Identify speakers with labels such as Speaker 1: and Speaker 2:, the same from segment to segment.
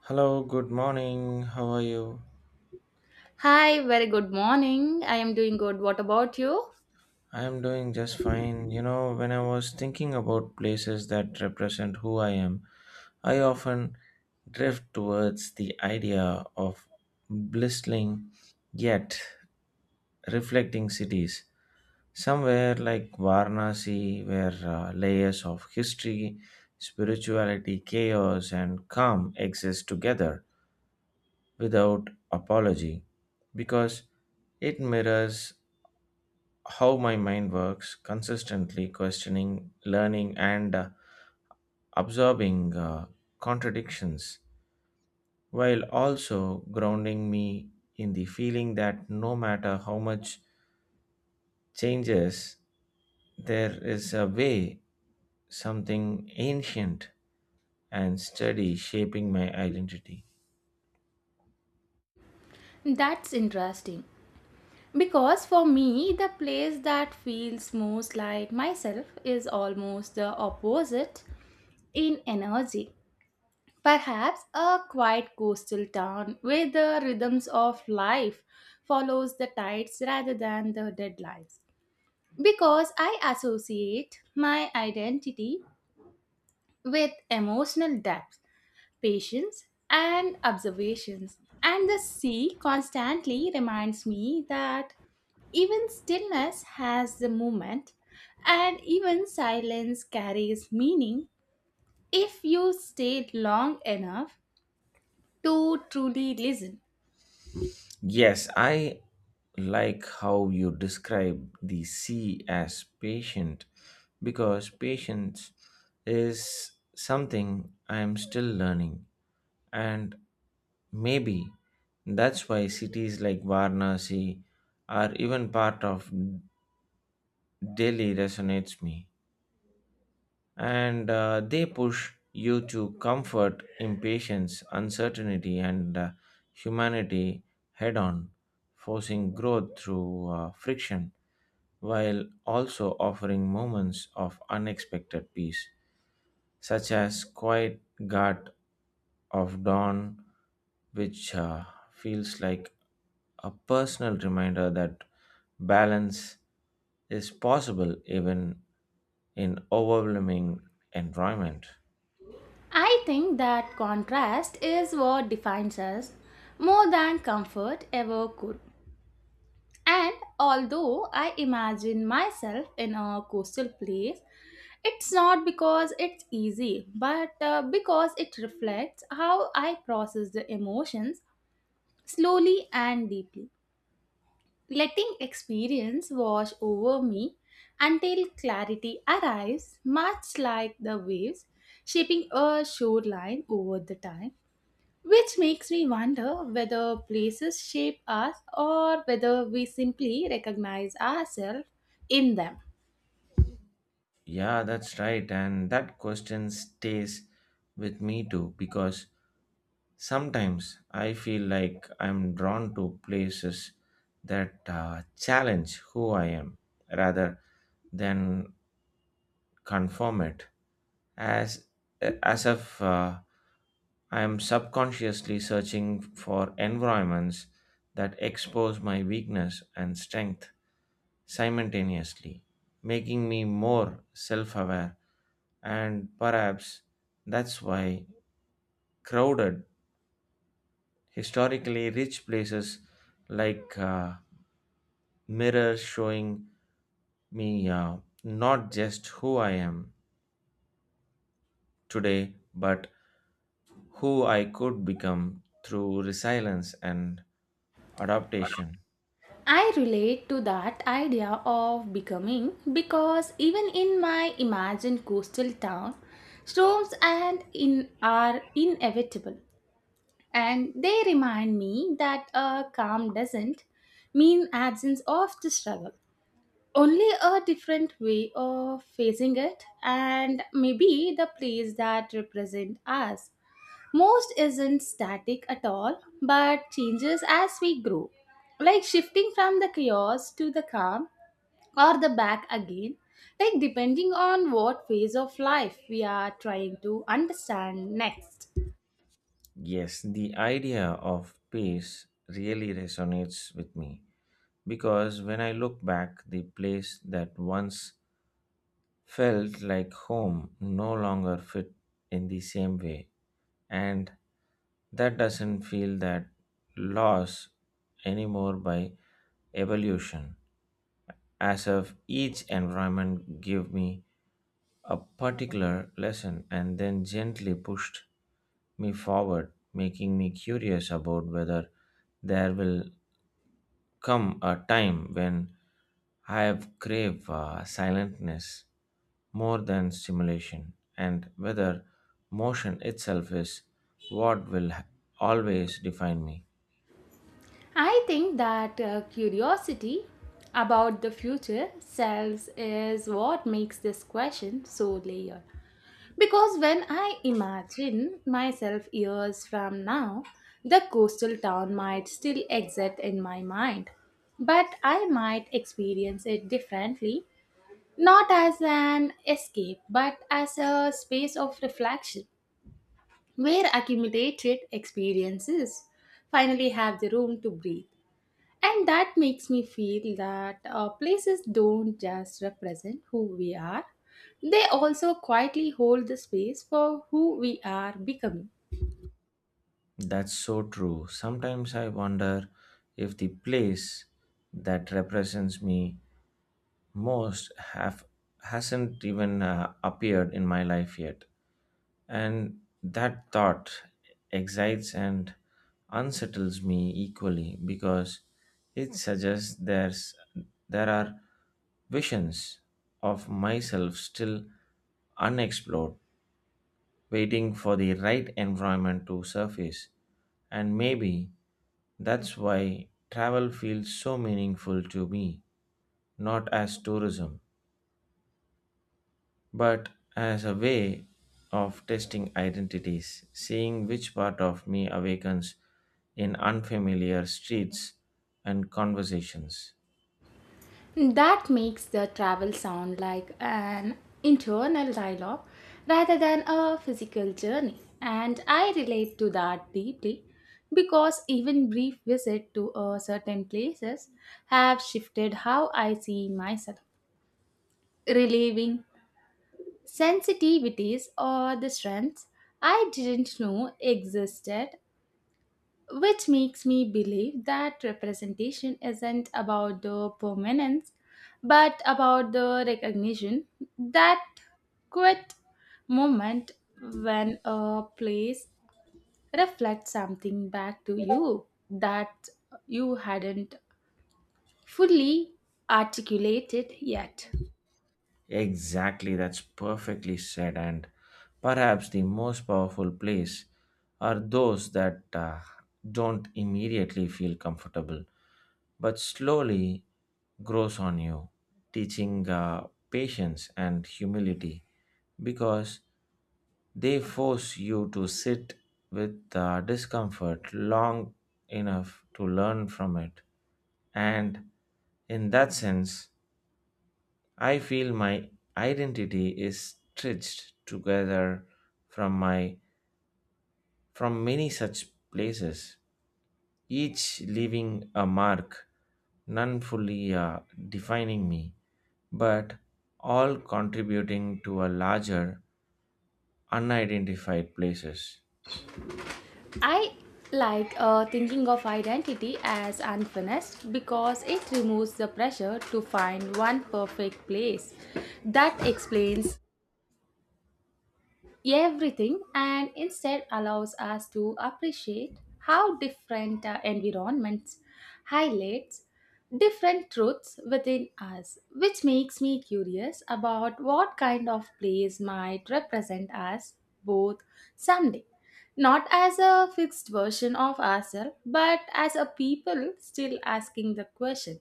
Speaker 1: Hello, good morning. How are you?
Speaker 2: Hi, very good morning. I am doing good. What about you?
Speaker 1: I am doing just fine. You know, when I was thinking about places that represent who I am, I often drift towards the idea of blistling yet reflecting cities. Somewhere like Varanasi, where layers of history, spirituality, chaos, and calm exist together without apology, because it mirrors how my mind works, consistently questioning, learning, and absorbing contradictions, while also grounding me in the feeling that no matter how much changes, there is a way, something ancient and steady shaping my identity.
Speaker 2: That's interesting, because for me, the place that feels most like myself is almost the opposite in energy. Perhaps a quiet coastal town where the rhythms of life follows the tides rather than the deadlines. Because I associate my identity with emotional depth patience, and observations. And the sea constantly reminds me that even stillness has the movement, and even silence carries meaning if you stay long enough to truly listen.
Speaker 1: Yes, I like how you describe the sea as patient because patience is something I am still learning, and maybe that's why cities like Varanasi or even part of Delhi resonates me. And they push you to comfort impatience, uncertainty, and humanity head on, forcing growth through friction while also offering moments of unexpected peace, such as quiet gut of dawn, which feels like a personal reminder that balance is possible even in overwhelming environment.
Speaker 2: I think that contrast is what defines us more than comfort ever could. And although I imagine myself in a coastal place, it's not because it's easy, but because it reflects how I process the emotions slowly and deeply, letting experience wash over me until clarity arrives, much like the waves shaping a shoreline over the time. Which makes me wonder whether places shape us or whether we simply recognize ourselves in them.
Speaker 1: Yeah, that's right. And that question stays with me too because sometimes I feel like I'm drawn to places that challenge who I am rather than confirm it as as if I am subconsciously searching for environments that expose my weakness and strength simultaneously, making me more self-aware, and perhaps that's why crowded, historically rich places like mirrors showing me not just who I am today, but who I could become through resilience and adaptation.
Speaker 2: I relate to that idea of becoming because even in my imagined coastal town, storms and in are inevitable, and they remind me that a calm doesn't mean absence of the struggle, only a different way of facing it, and maybe the place that represent us most isn't static at all, but changes as we grow, like shifting from the chaos to the calm or the back again, like depending on what phase of life we are trying to understand next.
Speaker 1: Yes, the idea of peace really resonates with me because when I look back, the place that once felt like home no longer fit in the same way, and that doesn't feel that loss anymore by evolution, as if each environment gave me a particular lesson and then gently pushed me forward, making me curious about whether there will come a time when I have crave silentness more than stimulation, and whether motion itself is what always define me.
Speaker 2: I think that curiosity about the future selves is what makes this question so layered. Because when I imagine myself years from now, the coastal town might still exist in my mind, but I might experience it differently, not as an escape, but as a space of reflection where accumulated experiences finally have the room to breathe. And that makes me feel that places don't just represent who we are, they also quietly hold the space for who we are becoming.
Speaker 1: That's so true. Sometimes I wonder if the place that represents me most have hasn't even appeared in my life yet. And that thought excites and unsettles me equally because it suggests there's there are visions of myself still unexplored, waiting for the right environment to surface. And maybe that's why travel feels so meaningful to me, not as tourism, but as a way of testing identities, seeing which part of me awakens in unfamiliar streets and conversations.
Speaker 2: That makes the travel sound like an internal dialogue rather than a physical journey. And I relate to that deeply because even brief visit to a certain places have shifted how I see myself, relieving sensitivities or the strengths I didn't know existed, which makes me believe that representation isn't about the permanence but about the recognition that quit moment when a place reflects something back to you that you hadn't fully articulated yet.
Speaker 1: Exactly, that's perfectly said, and perhaps the most powerful place are those that don't immediately feel comfortable but slowly grows on you, teaching patience and humility, because they force you to sit with the discomfort long enough to learn from it. And in that sense, I feel my identity is stitched together from my from many such places, each leaving a mark, none fully defining me, but all contributing to a larger unidentified places.
Speaker 2: I like thinking of identity as unfinished because it removes the pressure to find one perfect place that explains everything and instead allows us to appreciate how different environments highlights different truths within us, which makes me curious about what kind of place might represent us both someday, not as a fixed version of ourselves but as a people still asking the question,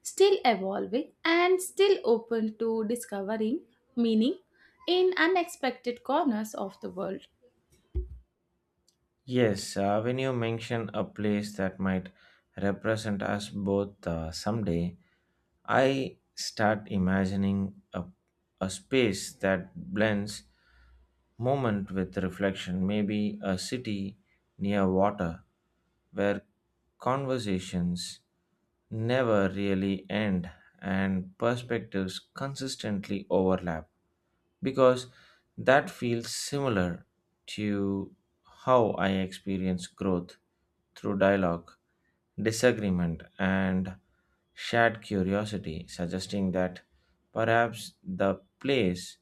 Speaker 2: still evolving and still open to discovering meaning in unexpected corners of the world.
Speaker 1: Yes, when you mention a place that might represent us both someday, I start imagining a space that blends moment with reflection, maybe a city near water where conversations never really end and perspectives consistently overlap, because that feels similar to how I experience growth through dialogue, disagreement, and shared curiosity, suggesting that perhaps the place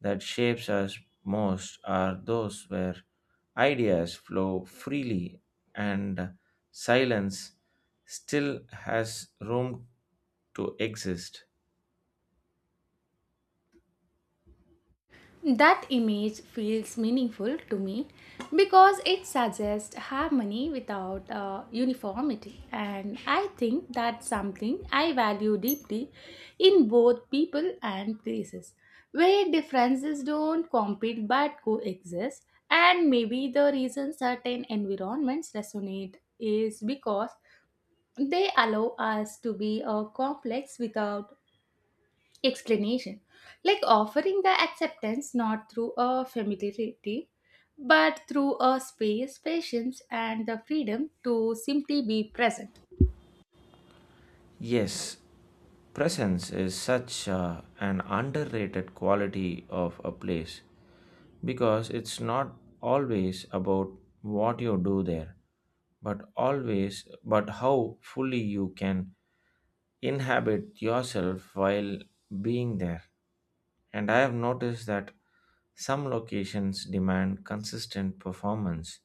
Speaker 1: that shapes us most are those where ideas flow freely and silence still has room to exist.
Speaker 2: That image feels meaningful to me because it suggests harmony without uniformity, and I think that's something I value deeply in both people and places where differences don't compete but coexist. And maybe the reason certain environments resonate is because they allow us to be complex without explanation, like offering the acceptance not through a familiarity, but through a space, patience, and the freedom to simply be present.
Speaker 1: Yes, presence is such an underrated quality of a place because it's not always about what you do there, but how fully you can inhabit yourself while being there. And I have noticed that some locations demand consistent performance,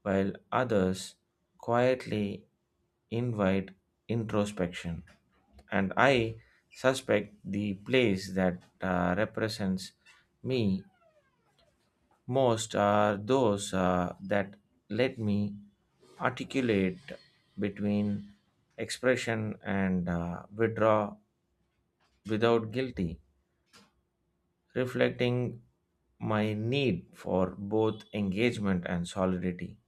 Speaker 1: while others quietly invite introspection. And I suspect the place that represents me most are those that let me articulate between expression and withdraw without guilty, reflecting my need for both engagement and solidity.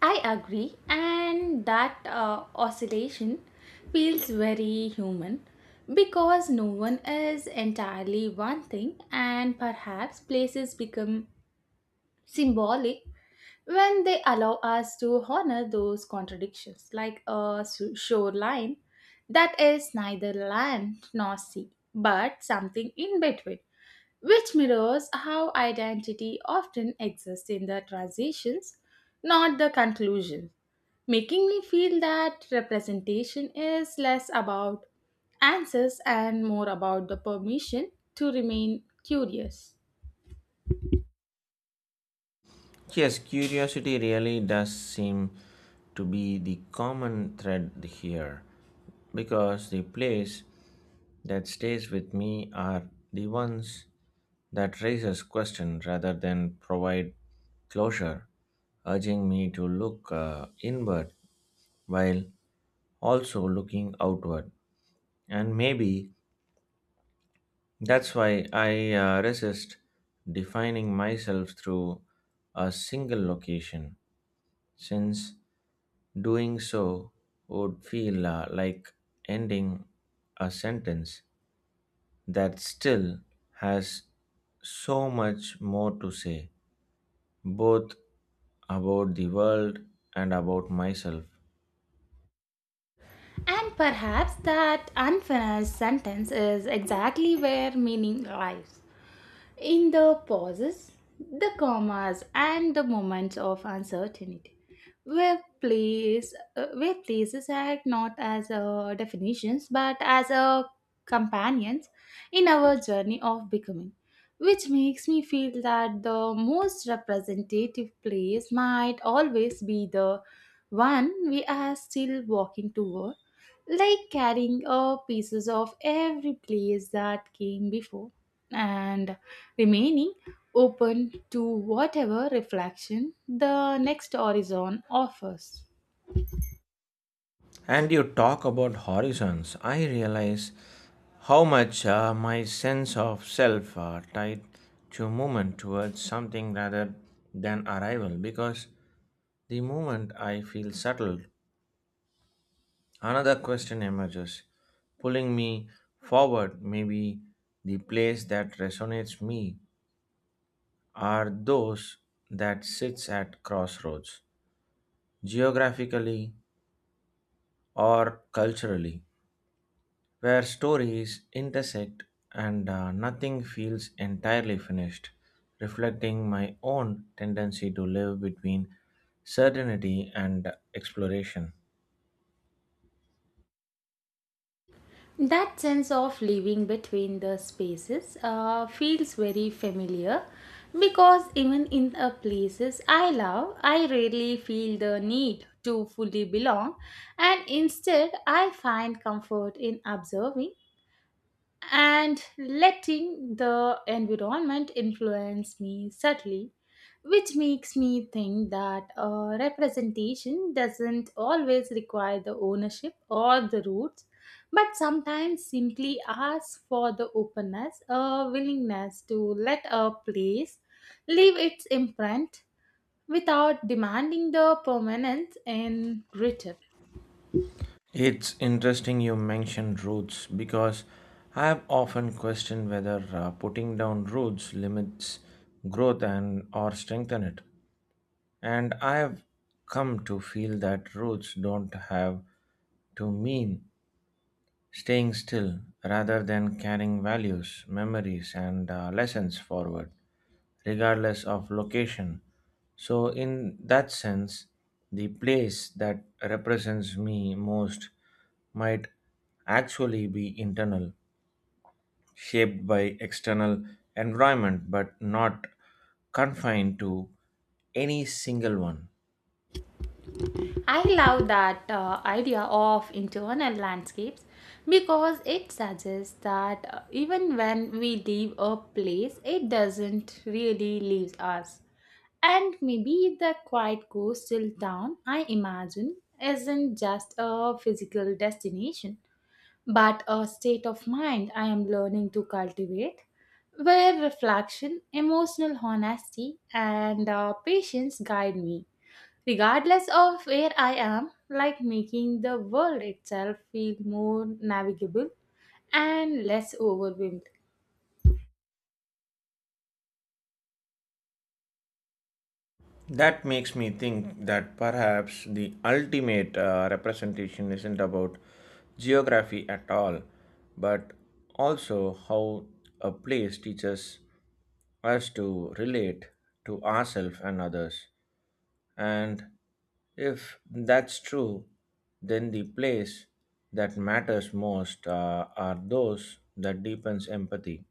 Speaker 2: I agree, and that oscillation feels very human because no one is entirely one thing, and perhaps places become symbolic when they allow us to honor those contradictions like a shoreline that is neither land nor sea but something in between, which mirrors how identity often exists in the transitions not the conclusion, making me feel that representation is less about answers and more about the permission to remain curious.
Speaker 1: Yes, curiosity really does seem to be the common thread here because the plays that stays with me are the ones that raises question rather than provide closure, urging me to look inward while also looking outward. And maybe that's why I resist defining myself through a single location, since doing so would feel like ending a sentence that still has so much more to say, both about the world and about myself.
Speaker 2: And perhaps that unfinished sentence is exactly where meaning lies, in the pauses, the commas, and the moments of uncertainty, where places act not as definitions but as companions in our journey of becoming, which makes me feel that the most representative place might always be the one we are still walking toward, like carrying pieces of every place that came before and remaining open to whatever reflection the next horizon offers.
Speaker 1: And you talk about horizons. I realize how much my sense of self are tied to movement towards something rather than arrival, because the moment I feel settled, another question emerges, pulling me forward. Maybe the place that resonates me are those that sits at crossroads, geographically or culturally, where stories intersect and nothing feels entirely finished, reflecting my own tendency to live between certainty and exploration.
Speaker 2: That sense of living between the spaces feels very familiar because even in the places I love, I rarely feel the need to fully belong, and instead, I find comfort in observing and letting the environment influence me subtly, which makes me think that representation doesn't always require the ownership or the roots, but sometimes simply asks for the openness, a willingness to let a place leave its imprint without demanding the permanence in return.
Speaker 1: It's interesting you mentioned roots because I have often questioned whether putting down roots limits growth and or strengthen it. And I have come to feel that roots don't have to mean staying still rather than carrying values, memories, and lessons forward, regardless of location. So, in that sense, the place that represents me most might actually be internal, shaped by external environment, but not confined to any single one.
Speaker 2: I love that idea of internal landscapes because it suggests that even when we leave a place, it doesn't really leave us. And maybe the quiet coastal town I imagine isn't just a physical destination, but a state of mind I am learning to cultivate where reflection, emotional honesty, and patience guide me. Regardless of where I am, like making the world itself feel more navigable and less overwhelmed.
Speaker 1: That makes me think that perhaps the ultimate representation isn't about geography at all, but also how a place teaches us to relate to ourselves and others. And if that's true, then the place that matters most are those that deepens empathy,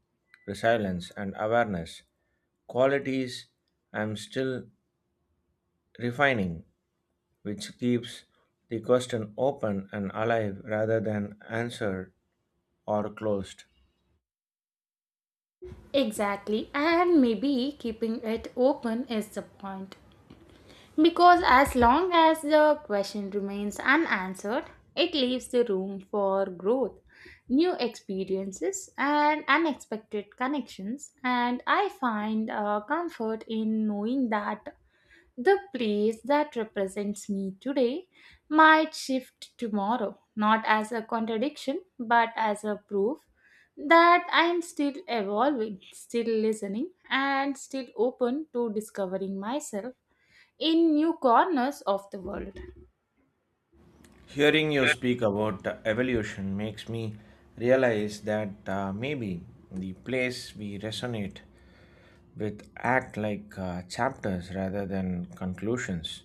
Speaker 1: resilience, and awareness, qualities I'm still refining, which keeps the question open and alive rather than answered or closed.
Speaker 2: Exactly, and maybe keeping it open is the point. Because as long as the question remains unanswered, it leaves the room for growth, new experiences, and unexpected connections. And I find comfort in knowing that the place that represents me today might shift tomorrow, not as a contradiction, but as a proof that I am still evolving, still listening, and still open to discovering myself in new corners of the world.
Speaker 1: Hearing you speak about the evolution makes me realize that maybe the place we resonate with act like chapters rather than conclusions,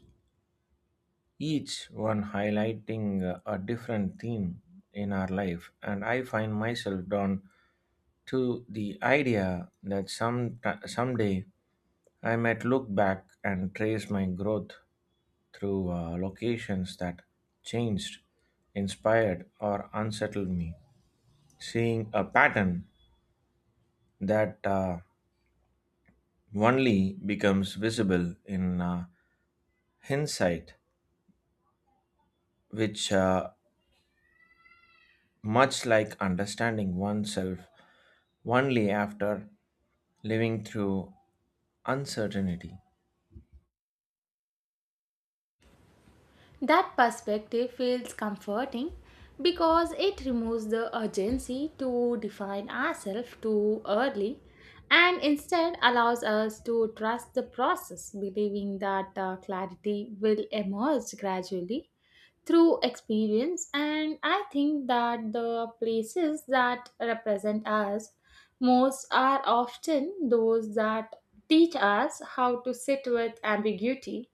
Speaker 1: each one highlighting a different theme in our life. And I find myself drawn to the idea that someday I might look back and trace my growth through locations that changed, inspired, or unsettled me, seeing a pattern that only becomes visible in hindsight, which much like understanding oneself only after living through uncertainty.
Speaker 2: That perspective feels comforting because it removes the urgency to define ourselves too early and instead allows us to trust the process, believing that clarity will emerge gradually through experience. And I think that the places that represent us most are often those that teach us how to sit with ambiguity,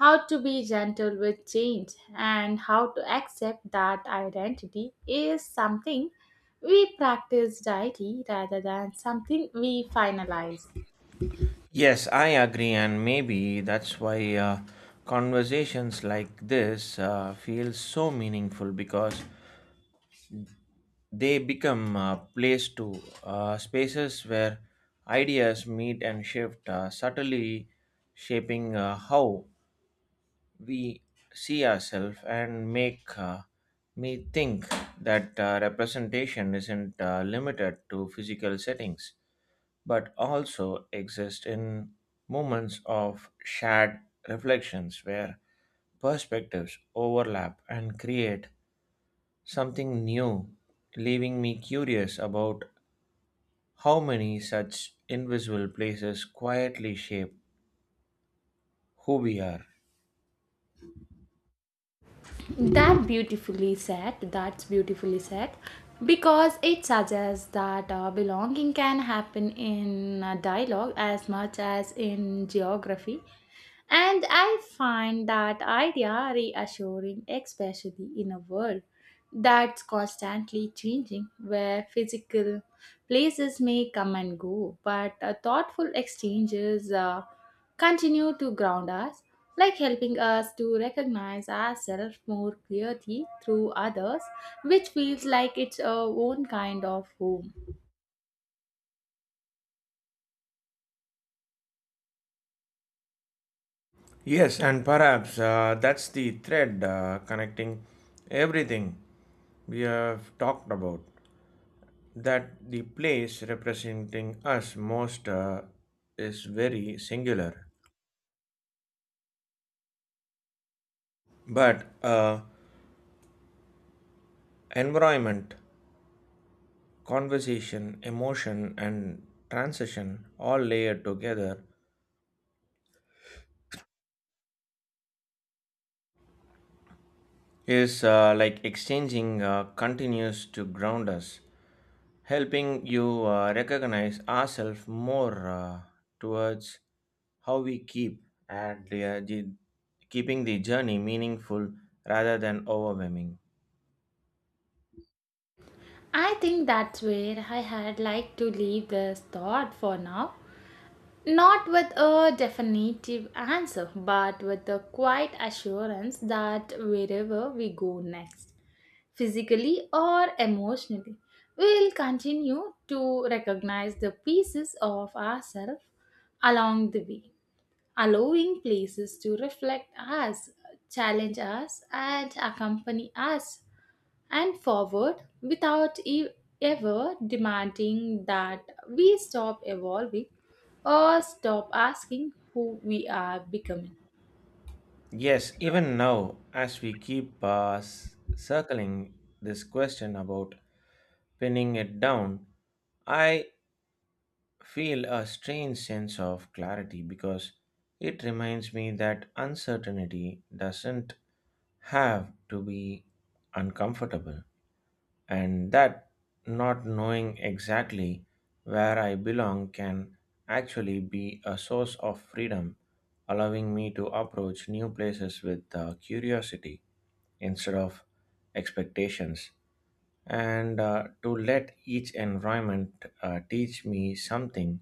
Speaker 2: how to be gentle with change, and how to accept that identity is something we practice daily rather than something we finalize.
Speaker 1: Yes, I agree, and maybe that's why conversations like this feel so meaningful, because they become a place to spaces where ideas meet and shift subtly, shaping how we see ourselves, and make me think that representation isn't limited to physical settings but also exists in moments of shared reflections where perspectives overlap and create something new, leaving me curious about how many such invisible places quietly shape who we are.
Speaker 2: That beautifully said, that's beautifully said because it suggests that belonging can happen in a dialogue as much as in geography. And I find that idea reassuring, especially in a world that's constantly changing, where physical places may come and go, but thoughtful exchanges continue to ground us, like helping us to recognize ourselves more clearly through others, which feels like its own kind of home.
Speaker 1: Yes, and perhaps that's the thread connecting everything we have talked about. That the place representing us most is very singular, but environment, conversation, emotion, and transition all layered together is like exchanging continues to ground us, helping you recognize ourselves more towards how we keep and the keeping the journey meaningful rather than overwhelming.
Speaker 2: I think that's where I had like to leave this thought for now. Not with a definitive answer, but with a quiet assurance that wherever we go next, physically or emotionally, we will continue to recognize the pieces of ourselves along the way, allowing places to reflect us, challenge us, and accompany us and forward without ever demanding that we stop evolving or stop asking who we are becoming.
Speaker 1: Yes, even now, as we keep circling this question about pinning it down, I feel a strange sense of clarity because it reminds me that uncertainty doesn't have to be uncomfortable, and that not knowing exactly where I belong can actually be a source of freedom, allowing me to approach new places with curiosity instead of expectations, and to let each environment teach me something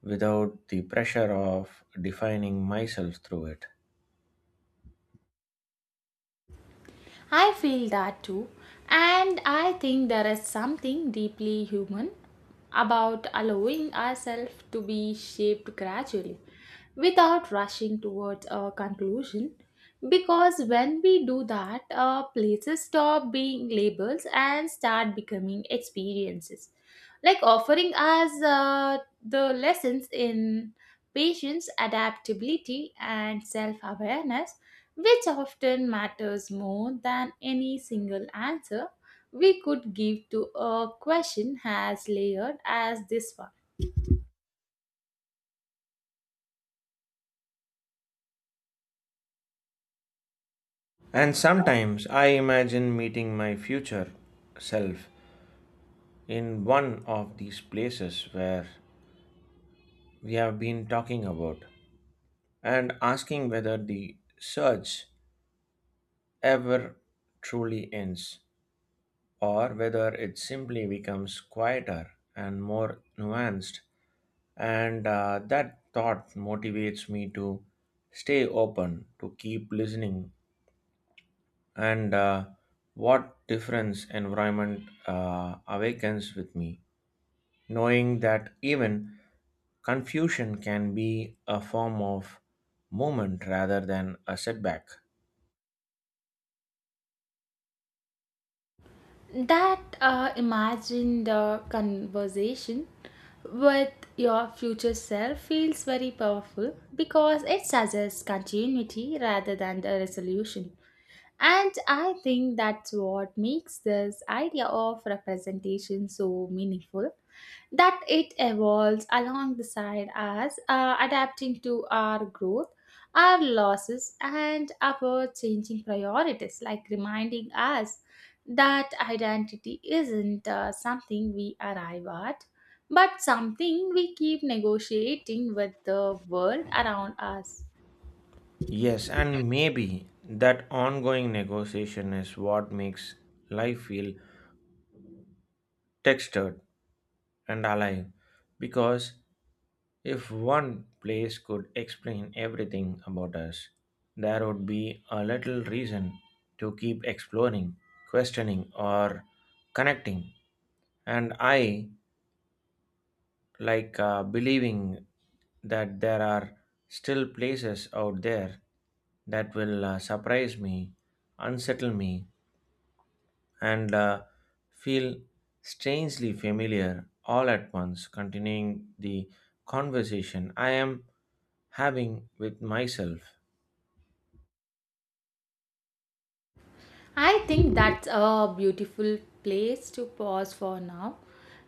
Speaker 1: without the pressure of defining myself through it.
Speaker 2: I feel that too. And I think there is something deeply human about allowing ourselves to be shaped gradually without rushing towards a conclusion. Because when we do that, places stop being labels and start becoming experiences. Like offering us the lessons in patience, adaptability, and self awareness, which often matters more than any single answer we could give to a question as layered as this
Speaker 1: And sometimes I imagine meeting my future self in one of these places where we have been talking about, and asking whether the search ever truly ends or whether it simply becomes quieter and more nuanced. And that thought motivates me to stay open, to keep listening, and what difference environment awakens with me, knowing that even confusion can be a form of movement rather than a setback.
Speaker 2: one. That imagine the conversation with your future self feels very powerful because it suggests continuity rather than the resolution. And I think that's what makes this idea of representation so meaningful, that it evolves along the side as adapting to our growth, our losses and our changing priorities, like reminding us that identity isn't something we arrive at but something we keep negotiating with the world around us.
Speaker 1: Yes, and maybe that ongoing negotiation is what makes life feel textured and alive, because if one place could explain everything about us, there would be a little reason to keep exploring, questioning, or connecting. And I like believing that there are still places out there that will surprise me, unsettle me, and feel strangely familiar all at once, continuing the conversation I am having with myself.
Speaker 2: I think that's a beautiful place to pause for now.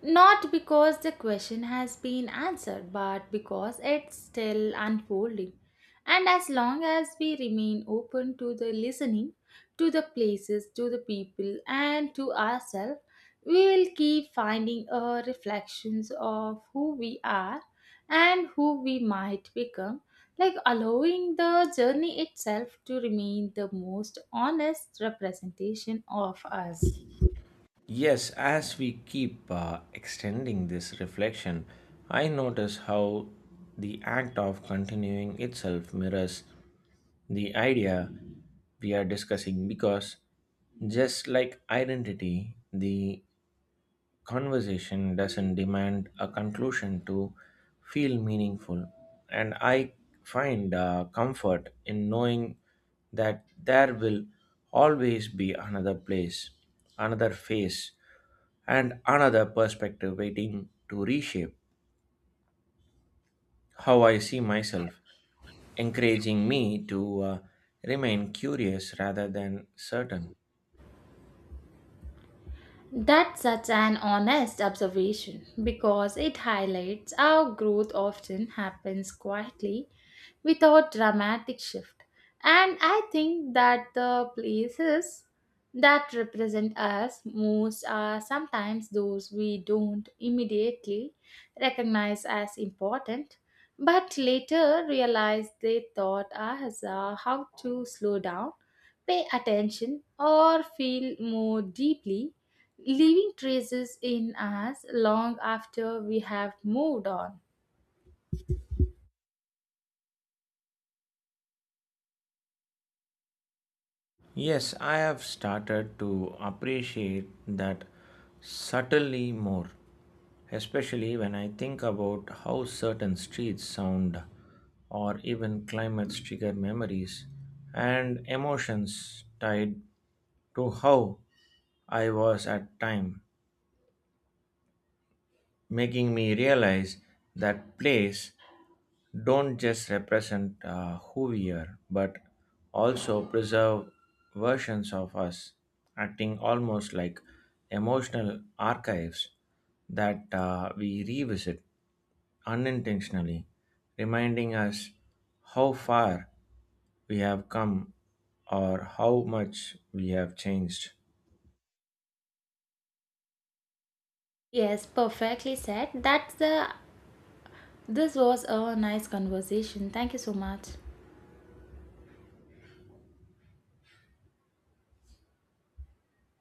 Speaker 2: Not because the question has been answered, but because it's still unfolding. And as long as we remain open to the listening, to the places, to the people, and to ourselves, we will keep finding reflections of who we are and who we might become, like allowing the journey itself to remain the most honest representation of us.
Speaker 1: Yes, as we keep extending this reflection, I notice how the act of continuing itself mirrors the idea we are discussing, because just like identity, the conversation doesn't demand a conclusion to feel meaningful. And I find comfort in knowing that there will always be another place, another face, and another perspective waiting to reshape how I see myself, encouraging me to remain curious rather than certain.
Speaker 2: That's such an honest observation because it highlights how growth often happens quietly without dramatic shift. And I think that the places that represent us most are sometimes those we don't immediately recognize as important, but later realize they taught us how to slow down, pay attention, or feel more deeply, leaving traces in us long after we have moved on.
Speaker 1: Yes, I have started to appreciate that subtly more, especially when I think about how certain streets sound or even climates trigger memories and emotions tied to how I was at time, making me realize that place don't just represent who we are, but also preserve versions of us, acting almost like emotional archives that we revisit unintentionally, reminding us how far we have come or how much we have changed.
Speaker 2: Yes, perfectly said. That's the This was a nice conversation. Thank you so much.